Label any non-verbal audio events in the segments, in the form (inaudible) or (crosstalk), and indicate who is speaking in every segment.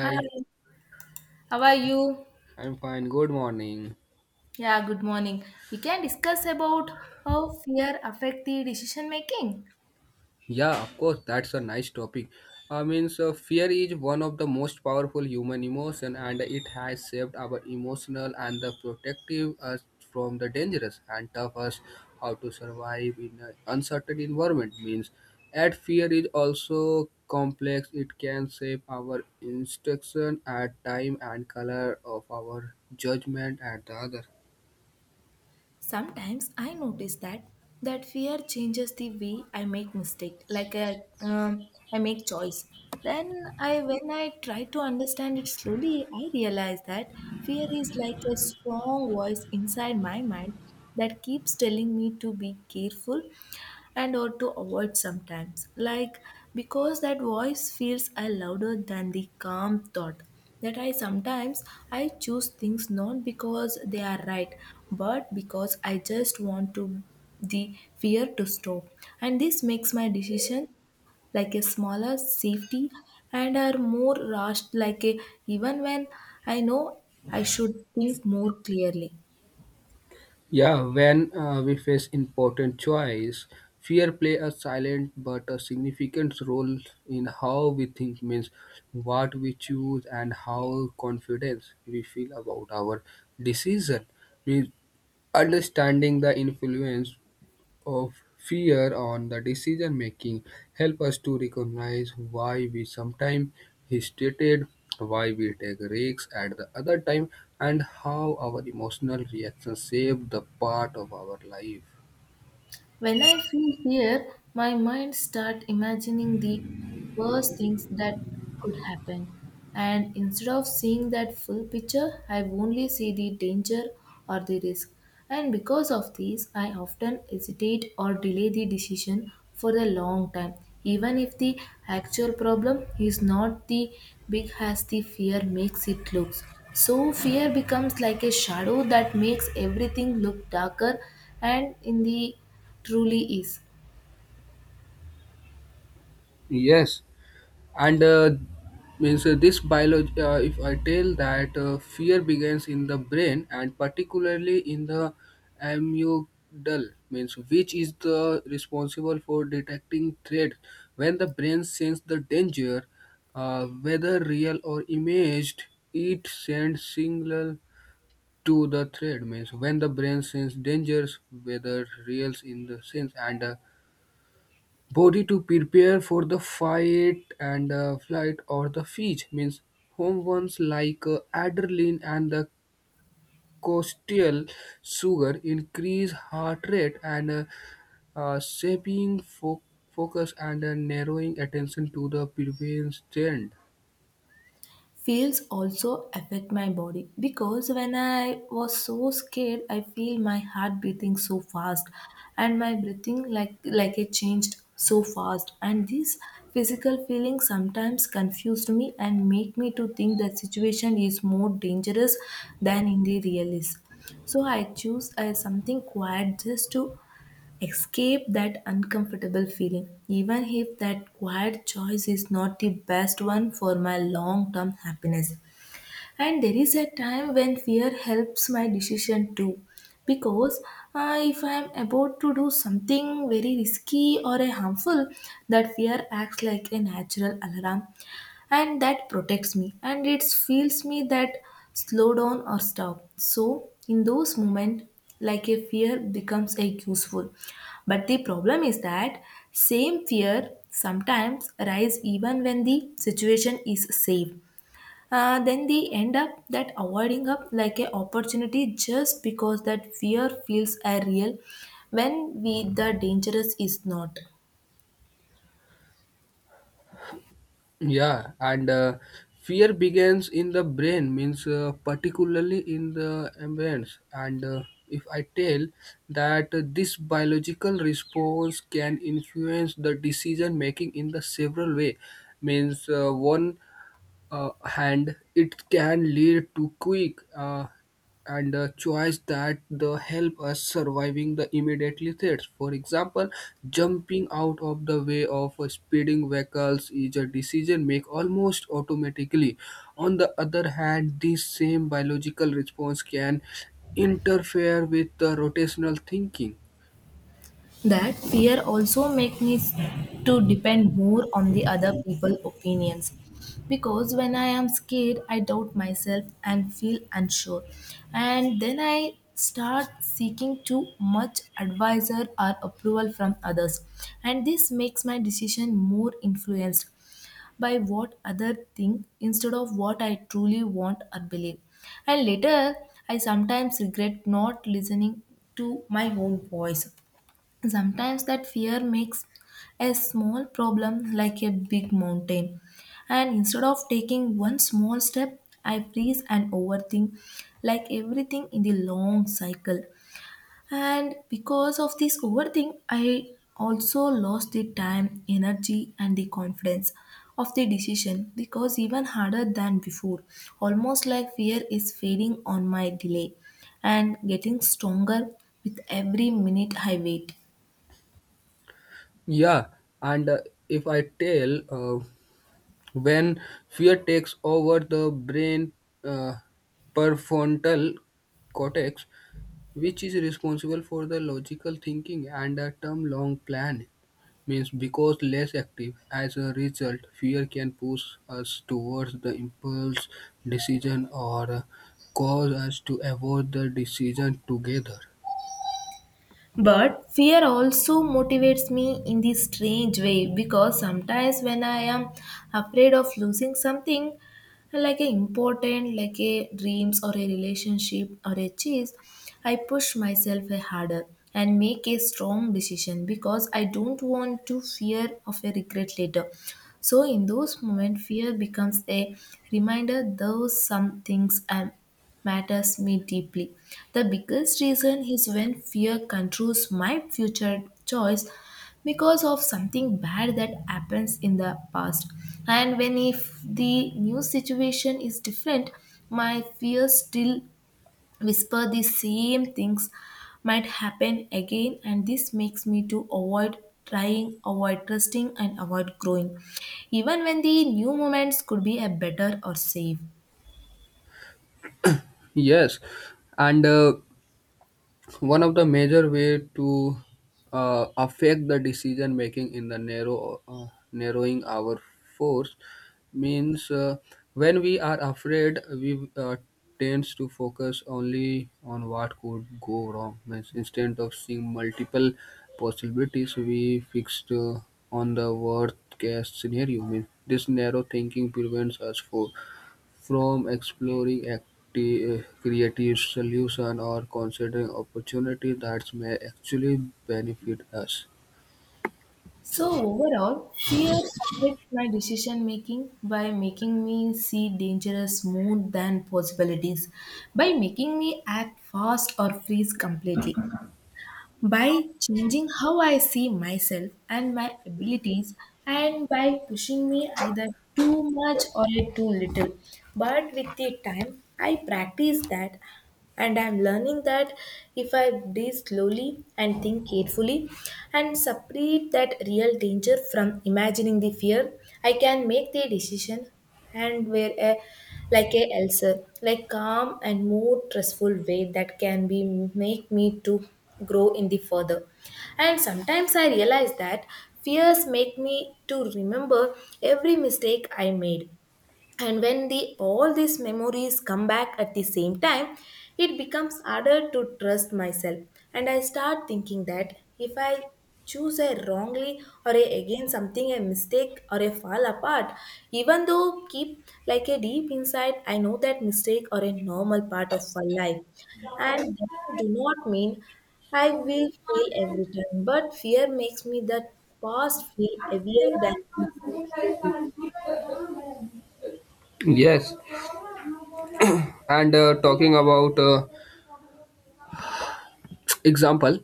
Speaker 1: Hi, how are you?
Speaker 2: I'm fine. Good morning.
Speaker 1: Yeah, good morning. We can discuss about how fear affect the decision making.
Speaker 2: Yeah, of course, that's a nice topic. I mean, so fear is one of the most powerful human emotion, and it has shaped our emotional and the protective us from the dangerous and tough us how to survive in an uncertain environment. Means, at fear is also complex. It can shape our instruction at time and color of our judgment at the other.
Speaker 1: Sometimes I notice that fear changes the way I make mistake, like I make choice. Then when I try to understand it slowly, I realize that fear is like a strong voice inside my mind that keeps telling me to be careful and or to avoid sometimes. Like because that voice feels louder than the calm thought that I sometimes I choose things not because they are right, but because I just want to the fear to stop. And this makes my decision like a smaller safety and are more rushed like a, even when I know I should think more clearly.
Speaker 2: Yeah, when we face important choice, fear play a silent but a significant role in how we think means what we choose and how confidence we feel about our decision. Means understanding the influence of fear on the decision making help us to recognize why we sometimes hesitated, why we take risks at the other time and how our emotional reactions shape the part of our life.
Speaker 1: When I feel fear, my mind start imagining the worst things that could happen. And instead of seeing that full picture, I only see the danger or the risk. And because of this, I often hesitate or delay the decision for a long time, even if the actual problem is not the big as the fear makes it looks. So fear becomes like a shadow that makes everything look darker and in the Truly is.
Speaker 2: Yes, and means this biology, if I tell that fear begins in the brain and particularly in the amygdala means which is the responsible for detecting threat. When the brain senses the danger, whether real or imaged, it sends signal to the threat means when the brain senses dangers whether real in the sense and body to prepare for the fight and flight or the feast means home ones like adrenaline and the cortisol. Sugar increase heart rate and uh, shaping fo- focus and narrowing attention to the prevention.
Speaker 1: Feels also affect my body because when I was so scared, I feel my heart beating so fast and my breathing like it changed so fast. And these physical feelings sometimes confused me and make me to think that situation is more dangerous than in the real is. So I choose something quiet just to escape that uncomfortable feeling, even if that quiet choice is not the best one for my long term happiness. And there is a time when fear helps my decision too. Because if I am about to do something very risky or a harmful, that fear acts like a natural alarm and that protects me and it feels me that slow down or stop. So in those moments, like a fear becomes a useful, but the problem is that same fear sometimes arise even when the situation is safe. Then they end up that avoiding up like a opportunity just because that fear feels a real when we the dangerous is not.
Speaker 2: Yeah, and fear begins in the brain, means particularly in the ambience. And if I tell that this biological response can influence the decision making in the several way, means one uh, and it can lead to quick and choice that the help us surviving the immediate threats. For example, jumping out of the way of speeding vehicles is a decision made almost automatically. On the other hand, this same biological response can interfere with the rotational thinking.
Speaker 1: That fear also makes me to depend more on the other people opinions. Because when I am scared, I doubt myself and feel unsure. And then I start seeking too much advisor or approval from others. And this makes my decision more influenced by what other think instead of what I truly want or believe. And later, I sometimes regret not listening to my own voice. Sometimes that fear makes a small problem like a big mountain. And instead of taking one small step, I freeze and overthink like everything in the long cycle. And because of this overthink, I also lost the time, energy, and the confidence of the decision because even harder than before, almost like fear is fading on my delay and getting stronger with every minute I wait.
Speaker 2: Yeah, and if I tell when fear takes over the brain, uh, prefrontal cortex, which is responsible for the logical thinking and the term long plan means because less active as a result fear can push us towards the impulse decision or cause us to avoid the decision together.
Speaker 1: But fear also motivates me in this strange way because sometimes when I am afraid of losing something like a important, like a dreams or a relationship or a cheese, I push myself a harder and make a strong decision because I don't want to fear of a regret later. So in those moments, fear becomes a reminder though some things matters me deeply. The biggest reason is when fear controls my future choice because of something bad that happens in the past. And when if the new situation is different, my fear still whisper the same things might happen again, and this makes me to avoid trying, avoid trusting, and avoid growing even when the new moments could be a better or safe.
Speaker 2: Yes, and one of the major way to affect the decision making in the narrow narrowing our force means when we are afraid we tends to focus only on what could go wrong means instead of seeing multiple possibilities we fixed on the worst case scenario means this narrow thinking prevents us for from exploring creative solutions or considering opportunities that may actually benefit us.
Speaker 1: So overall, fear affects my decision making by making me see dangerous more than possibilities, by making me act fast or freeze completely, by changing how I see myself and my abilities, and by pushing me either too much or too little. But with the time, I practice that, and I'm learning that if I breathe slowly and think carefully and separate that real danger from imagining the fear, I can make the decision and where a, like a ulcer, like calm and more trustful way that can be make me to grow in the further. And sometimes I realize that fears make me to remember every mistake I made, and when the all these memories come back at the same time, it becomes harder to trust myself. And I start thinking that if I choose a wrongly or a, again something a mistake or a fall apart, even though keep like a deep inside I know that mistake or a normal part of my life, and that do not mean I will fail every time, but fear makes me that past feel heavier than mistake.
Speaker 2: Yes, and talking about example,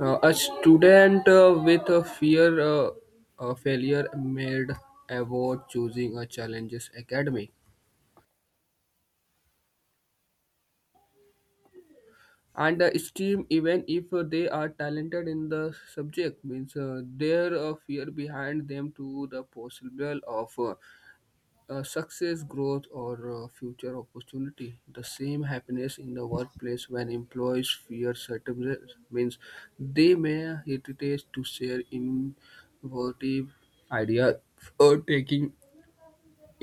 Speaker 2: a student with a fear of failure made avoid choosing a challenges academy and esteem even if they are talented in the subject means there a fear behind them to the possible of success growth or future opportunity the same happiness in the workplace when employees fear certain risks, means they may hesitate to share innovative ideas or taking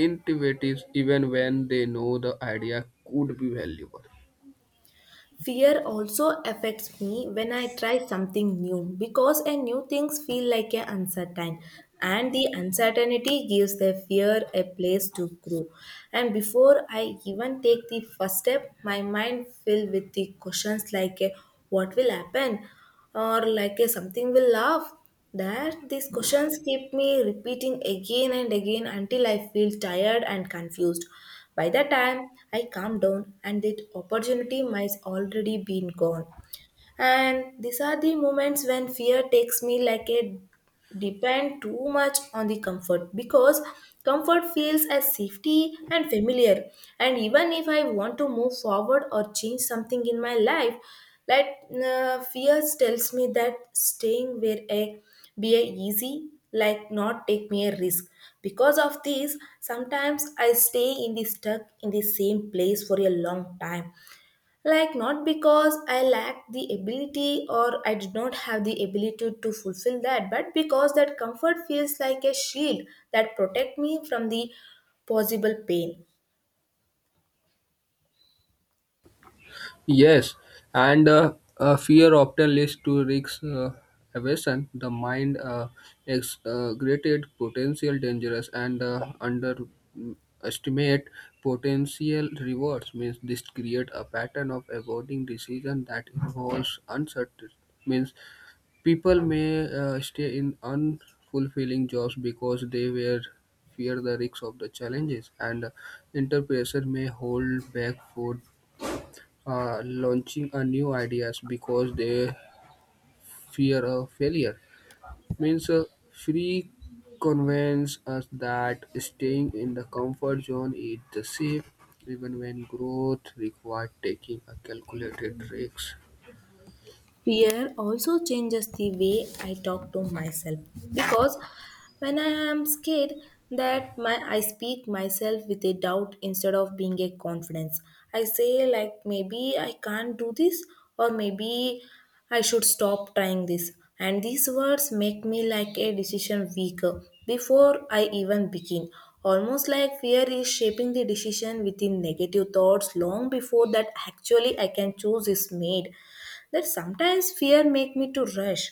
Speaker 2: initiatives even when they know the idea could be valuable.
Speaker 1: Fear also affects me when I try something new because a new things feel like a uncertain, and the uncertainty gives the fear a place to grow. And before I even take the first step, my mind filled with the questions like a, what will happen, or like a, something will laugh. That these questions keep me repeating again and again until I feel tired and confused. By the time I calm down, and that opportunity might already been gone. And these are the moments when fear takes me like a depend too much on the comfort because comfort feels as safety and familiar. And even if I want to move forward or change something in my life, like fear tells me that staying where I be a easy like not take me a risk. Because of this, sometimes I stay in the stuck in the same place for a long time, like not because I lacked the ability or I did not have the ability to fulfill that, but because that comfort feels like a shield that protect me from the possible pain.
Speaker 2: Yes, and fear often leads to risk aversion. The mind greated potential dangers and underestimate potential rewards. Means this create a pattern of avoiding decision that involves uncertainty. Means people may stay in unfulfilling jobs because they were fear the risks of the challenges and entrepreneurs may hold back for launching a new ideas because they fear a failure means free convince us that staying in the comfort zone is the safe even when growth requires taking a calculated risks.
Speaker 1: Fear also changes the way I talk to myself because when I am scared, that my I speak myself with a doubt instead of being a confidence. I say, like maybe I can't do this, or maybe I should stop trying this. And these words make me like a decision weaker before I even begin. Almost like fear is shaping the decision within negative thoughts long before that actually I can choose is made. That sometimes fear make me to rush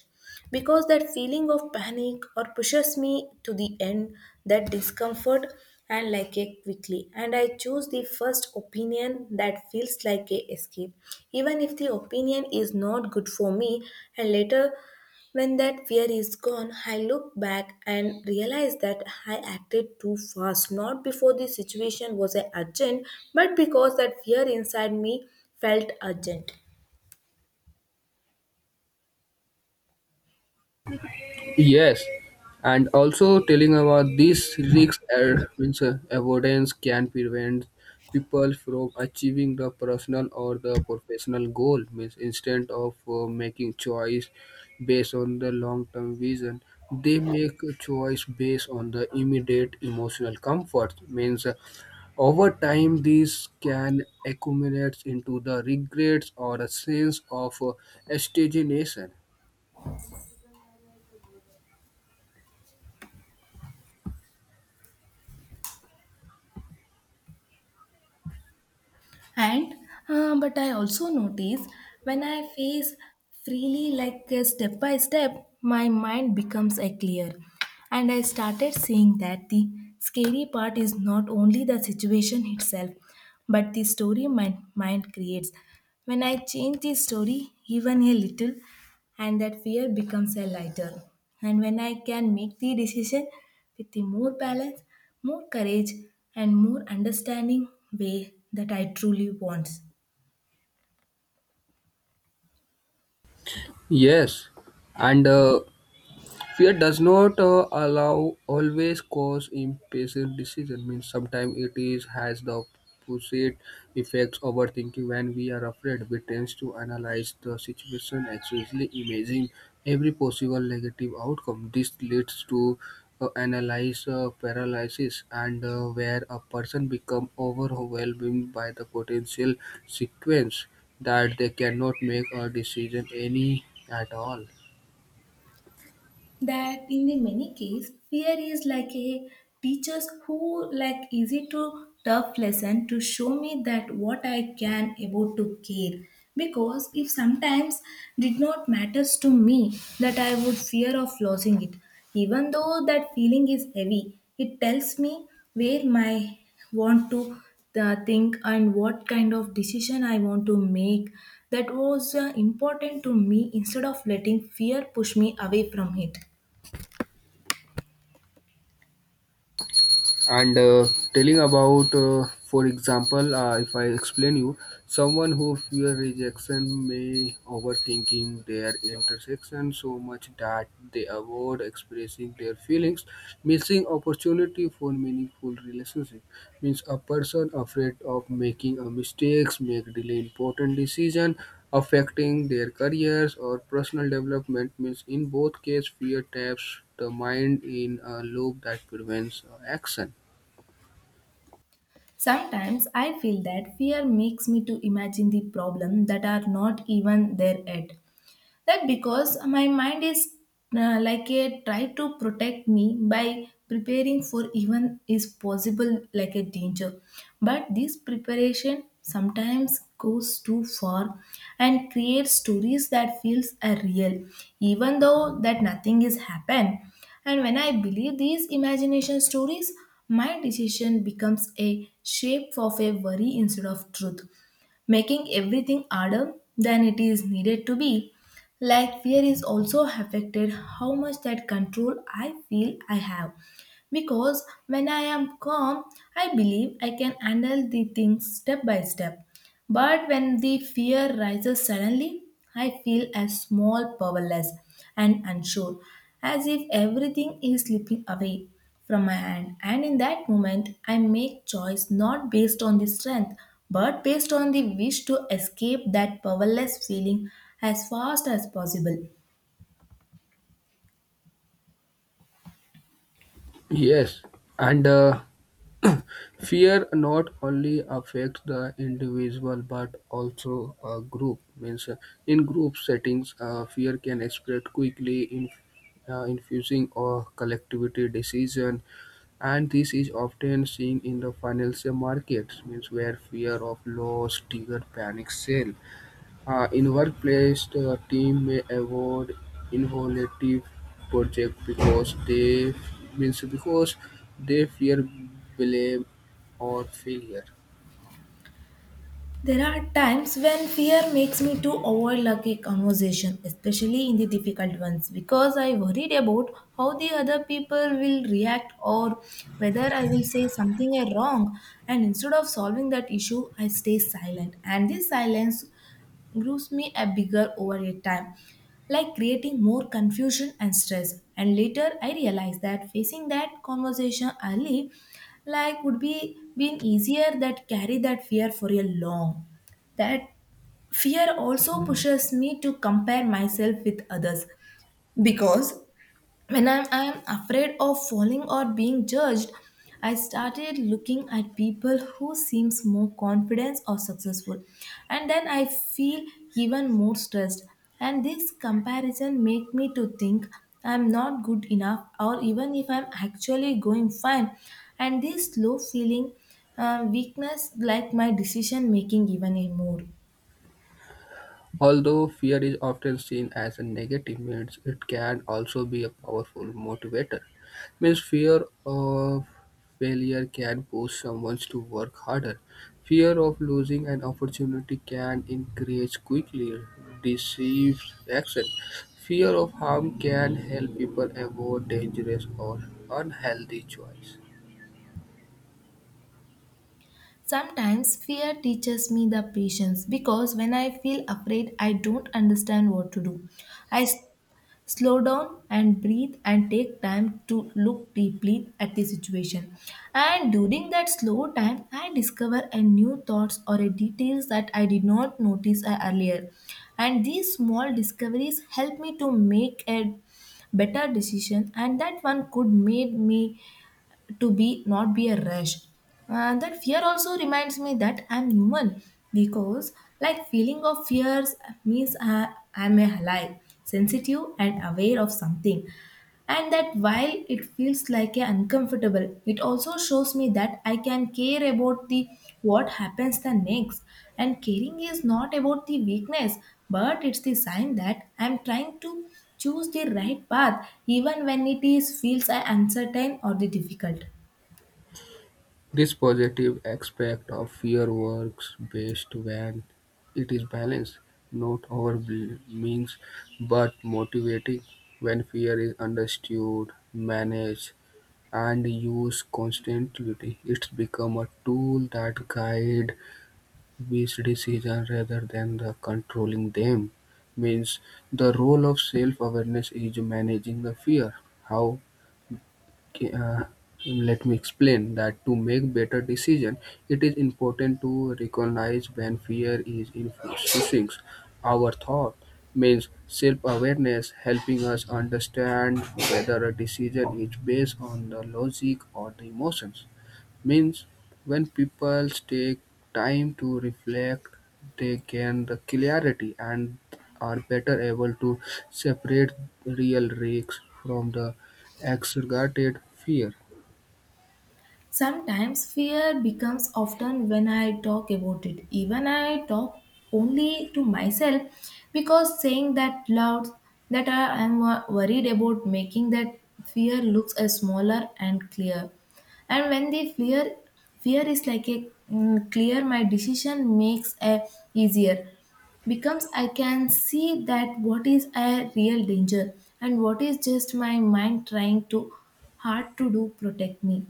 Speaker 1: because that feeling of panic or pushes me to the end that discomfort, and like a quickly, and I choose the first opinion that feels like a escape, even if the opinion is not good for me. And later, when that fear is gone, I look back and realize that I acted too fast, not before the situation was urgent, but because that fear inside me felt urgent.
Speaker 2: Yes, and also telling about these risks are means avoidance can prevent people from achieving the personal or the professional goal. Means instead of making choice based on the long-term vision, they make a choice based on the immediate emotional comfort. Means over time, these can accumulate into the regrets or a sense of stagnation.
Speaker 1: And but I also notice when I face freely, like step by step, my mind becomes a clear. And I started seeing that the scary part is not only the situation itself, but the story my mind creates. When I change the story even a little, and that fear becomes a lighter. And when I can make the decision with the more balance, more courage, and more understanding way that I truly want.
Speaker 2: Yes, and. Fear does not allow always cause impatient decision. Means sometimes it is has the opposite effects overthinking. When we are afraid, we tend to analyze the situation, actually imagine every possible negative outcome. This leads to analyze paralysis, and where a person become overwhelmed by the potential sequence that they cannot make a decision any at all.
Speaker 1: That in the many case, fear is like a teachers who like easy to tough lesson to show me that what I can able to care, because if sometimes did not matters to me, that I would fear of losing it. Even though that feeling is heavy, it tells me where my want to think, and what kind of decision I want to make that was important to me, instead of letting fear push me away from it.
Speaker 2: And telling about for example, if I explain you someone who fear rejection may overthinking their intersection so much that they avoid expressing their feelings missing opportunity for meaningful relationship means a person afraid of making a mistakes make delay important decision affecting their careers or personal development means in both case, fear taps the mind in a loop that prevents action.
Speaker 1: Sometimes I feel that fear makes me to imagine the problem that are not even there yet. That because my mind is like a try to protect me by preparing for even is possible like a danger. But this preparation sometimes goes too far and creates stories that feels are real, even though that nothing is happened. And when I believe these imagination stories, my decision becomes a shape of a worry instead of truth, making everything harder than it is needed to be. Like fear is also affected how much that control I feel I have, because when I am calm, I believe I can handle the things step by step. But when the fear rises suddenly, I feel as small, powerless, and unsure, as if everything is slipping away from my hand. And in that moment, I make choice not based on the strength, but based on the wish to escape that powerless feeling as fast as possible.
Speaker 2: Yes, and (clears throat) fear not only affects the individual but also a group. Means in group settings, fear can spread quickly, in, infusing or collectivity decision, and this is often seen in the financial markets. Means where fear of loss trigger panic sale. In workplace, the team may avoid innovative project because they means because they fear blame or failure.
Speaker 1: There are times when fear makes me to overlook a conversation, especially in the difficult ones, because I worried about how the other people will react or whether I will say something wrong. And instead of solving that issue, I stay silent. And this silence grows me a bigger over a time, like creating more confusion and stress. And later I realized that facing that conversation early like would be been easier that carry that fear for a long. That fear also pushes me to compare myself with others, because when I'm afraid of falling or being judged, I started looking at people who seems more confident or successful, and then I feel even more stressed. And this comparison make me to think I'm not good enough, or even if I'm actually going fine. And this low feeling, weakness like my decision making even more.
Speaker 2: Although fear is often seen as a negative means, it can also be a powerful motivator. Means fear of failure can push someone to work harder. Fear of losing an opportunity can encourage quickly deceive action. Fear of harm can help people avoid dangerous or unhealthy choice.
Speaker 1: Sometimes fear teaches me the patience, because when I feel afraid, I don't understand what to do. I s- slow down and breathe and take time to look deeply at the situation. And during that slow time, I discover a new thoughts or a details that I did not notice earlier. And these small discoveries help me to make a better decision, and that one could made me to be not be a rush. That fear also reminds me that I'm human, because like feeling of fears means I'm alive, sensitive and aware of something. And that while it feels like a uncomfortable, it also shows me that I can care about the what happens the next. And caring is not about the weakness, but it's the sign that I'm trying to choose the right path, even when it is feels uncertain or the difficult.
Speaker 2: This positive aspect of fear works best when it is balanced, not overwhelming but motivating. When fear is understood, managed, and used constantly, it becomes a tool that guides these decisions rather than the controlling them. Means the role of self awareness is managing the fear. How? Okay, let me explain that to make better decision it is important to recognize when fear is influencing our thought means self-awareness helping us understand whether a decision is based on the logic or the emotions. Means when people take time to reflect, they gain the clarity and are better able to separate real risks from the exaggerated fear.
Speaker 1: Sometimes fear becomes often when I talk about it. Even I talk only to myself, because saying that loud that I am worried about, making that fear looks a smaller and clear. And when the fear is like a clear, my decision makes a easier, becomes I can see that what is a real danger and what is just my mind trying to hard to do protect me.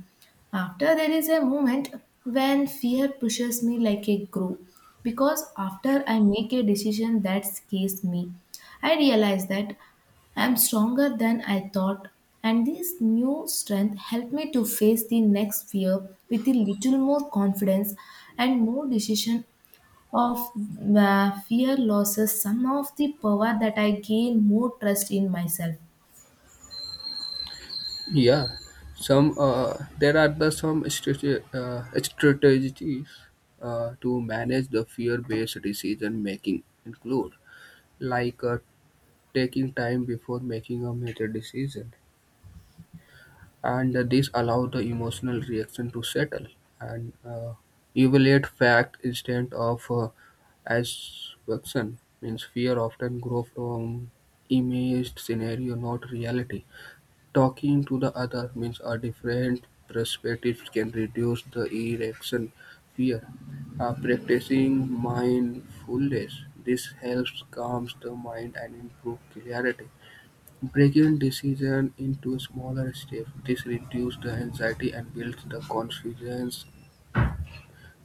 Speaker 1: After there is a moment when fear pushes me like a groove, because after I make a decision that scares me, I realize that I am stronger than I thought, and this new strength helped me to face the next fear with a little more confidence and more decision. Of Fear losses some of the power that I gain more trust in myself.
Speaker 2: Yeah, some there are the some strategies to manage the fear-based decision making include like taking time before making a major decision and this allows the emotional reaction to settle and evaluate fact instead of assumption. Means fear often grows from imaged scenario, not reality. Talking to the other means a different perspective can reduce the erection fear. Practicing mindfulness this helps calms the mind and improve clarity. Breaking decisions into smaller steps, this reduces the anxiety and builds the confidence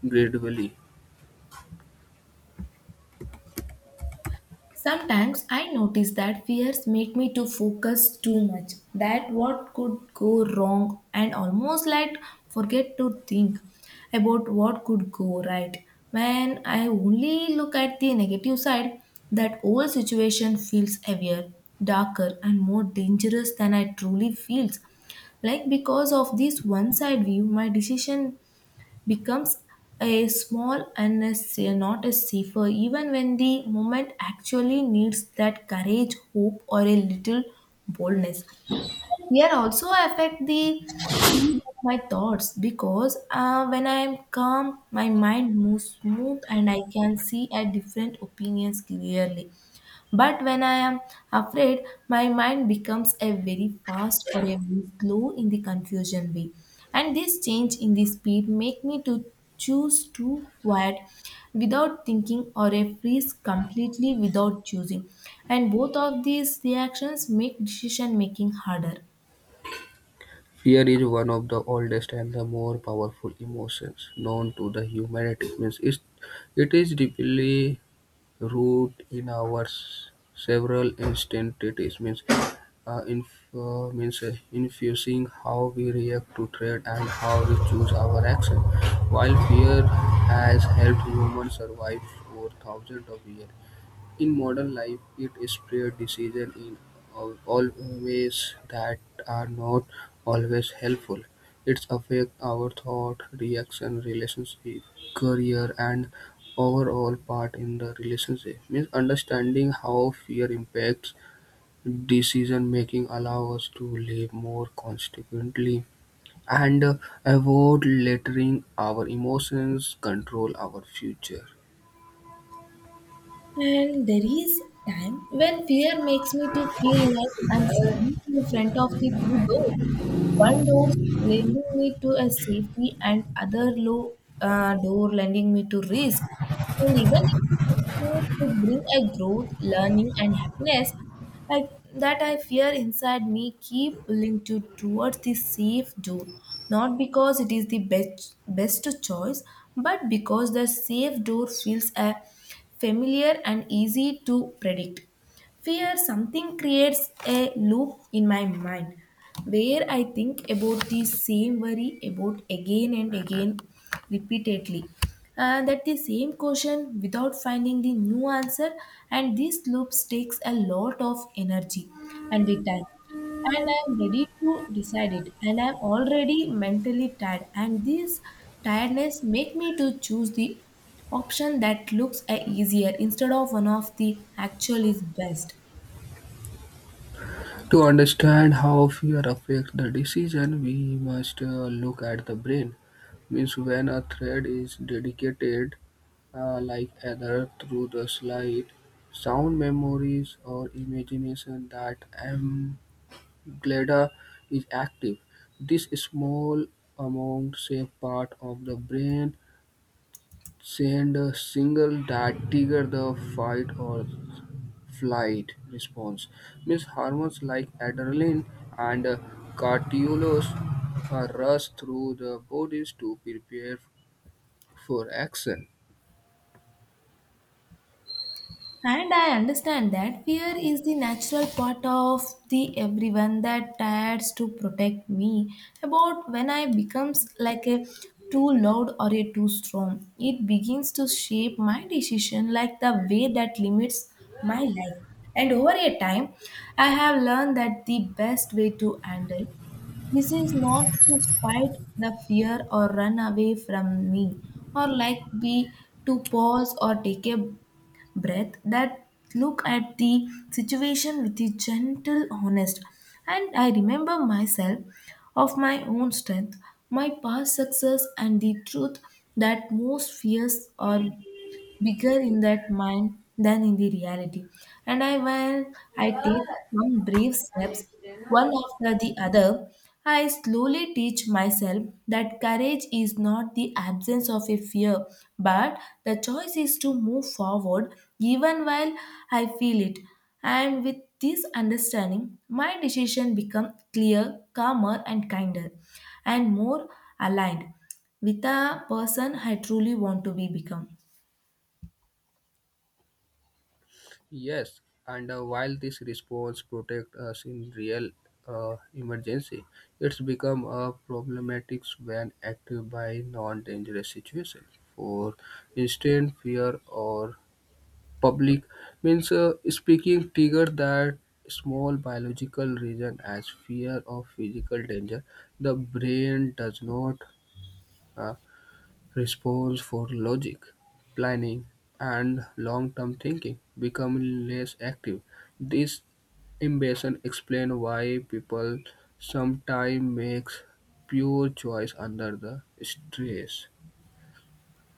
Speaker 2: gradually.
Speaker 1: Sometimes I notice that fears make me to focus too much, that what could go wrong and almost like forget to think about what could go right. When I only look at the negative side, that whole situation feels heavier, darker and more dangerous than I truly feels. Like because of this one side view, my decision becomes a small and not a safer, even when the moment actually needs that courage, hope, or a little boldness. Here also affect the speed of my thoughts, because when I am calm, my mind moves smooth and I can see a different opinions clearly. But when I am afraid, my mind becomes a very fast or a very slow in the confusion way. And this change in the speed make me to choose to quiet without thinking or a freeze completely without choosing. And both of these reactions make decision making harder.
Speaker 2: Fear is one of the oldest and the more powerful emotions known to the humanity. Means it, it is deeply root in our several instances means infusing how we react to threat and how we choose our action. While fear has helped humans survive for thousands of years, in modern life, it is rare pre-decision in all ways that are not always helpful. It affects our thought, reaction, relationship, career, and overall part in the relationship. Means understanding how fear impacts decision making allows us to live more consequently and avoid letting our emotions control our future.
Speaker 1: And there is time when fear makes me to feel like I'm standing in front of the two doors. One door lending me to a safety, and other low door lending me to risk. And even if this door could bring a growth, learning and happiness, I, that I fear inside me keep pulling to towards the safe door, not because it is the best choice, but because the safe door feels a familiar and easy to predict. Fear something creates a loop in my mind where I think about the same worry about again and again repeatedly. That the same question without finding the new answer, and this loop takes a lot of energy and the time, and I'm ready to decide it. And I'm already mentally tired, and this tiredness make me to choose the option that looks easier instead of one of the actual is best.
Speaker 2: To understand how fear affects the decision, we must look at the brain. Means when a thread is dedicated, like either through the slide, sound memories or imagination that amygdala is active. This small amount safe part of the brain send a signal that trigger the fight or flight response. Means hormones like adrenaline and cortisol rush through the bodies to prepare for action.
Speaker 1: And I understand that fear is the natural part of the everyone that tries to protect me, about when I becomes like a too loud or a too strong. It begins to shape my decision like the way that limits my life. And over a time, I have learned that the best way to handle this is not to fight the fear or run away from me, or like be to pause or take a breath, that look at the situation with a gentle honest. And I remember myself of my own strength, my past success, and the truth that most fears are bigger in that mind than in the reality. And I, while I take some brave steps, one after the other, I slowly teach myself that courage is not the absence of a fear, but the choice is to move forward even while I feel it. And with this understanding, my decision become clear, calmer, and kinder, and more aligned with the person I truly want to be become.
Speaker 2: Yes, and while this response protects us in real emergency, it's become a problematic when active by non-dangerous situations. For instance, fear or public means speaking trigger that small biological reason as fear of physical danger. The brain does not uh, respond for logic planning and long-term thinking becoming less active. This imbalance explains why people sometimes makes pure choice under the stress.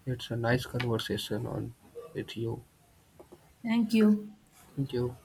Speaker 2: It's a nice conversation on with you.
Speaker 1: Thank you.
Speaker 2: Thank you.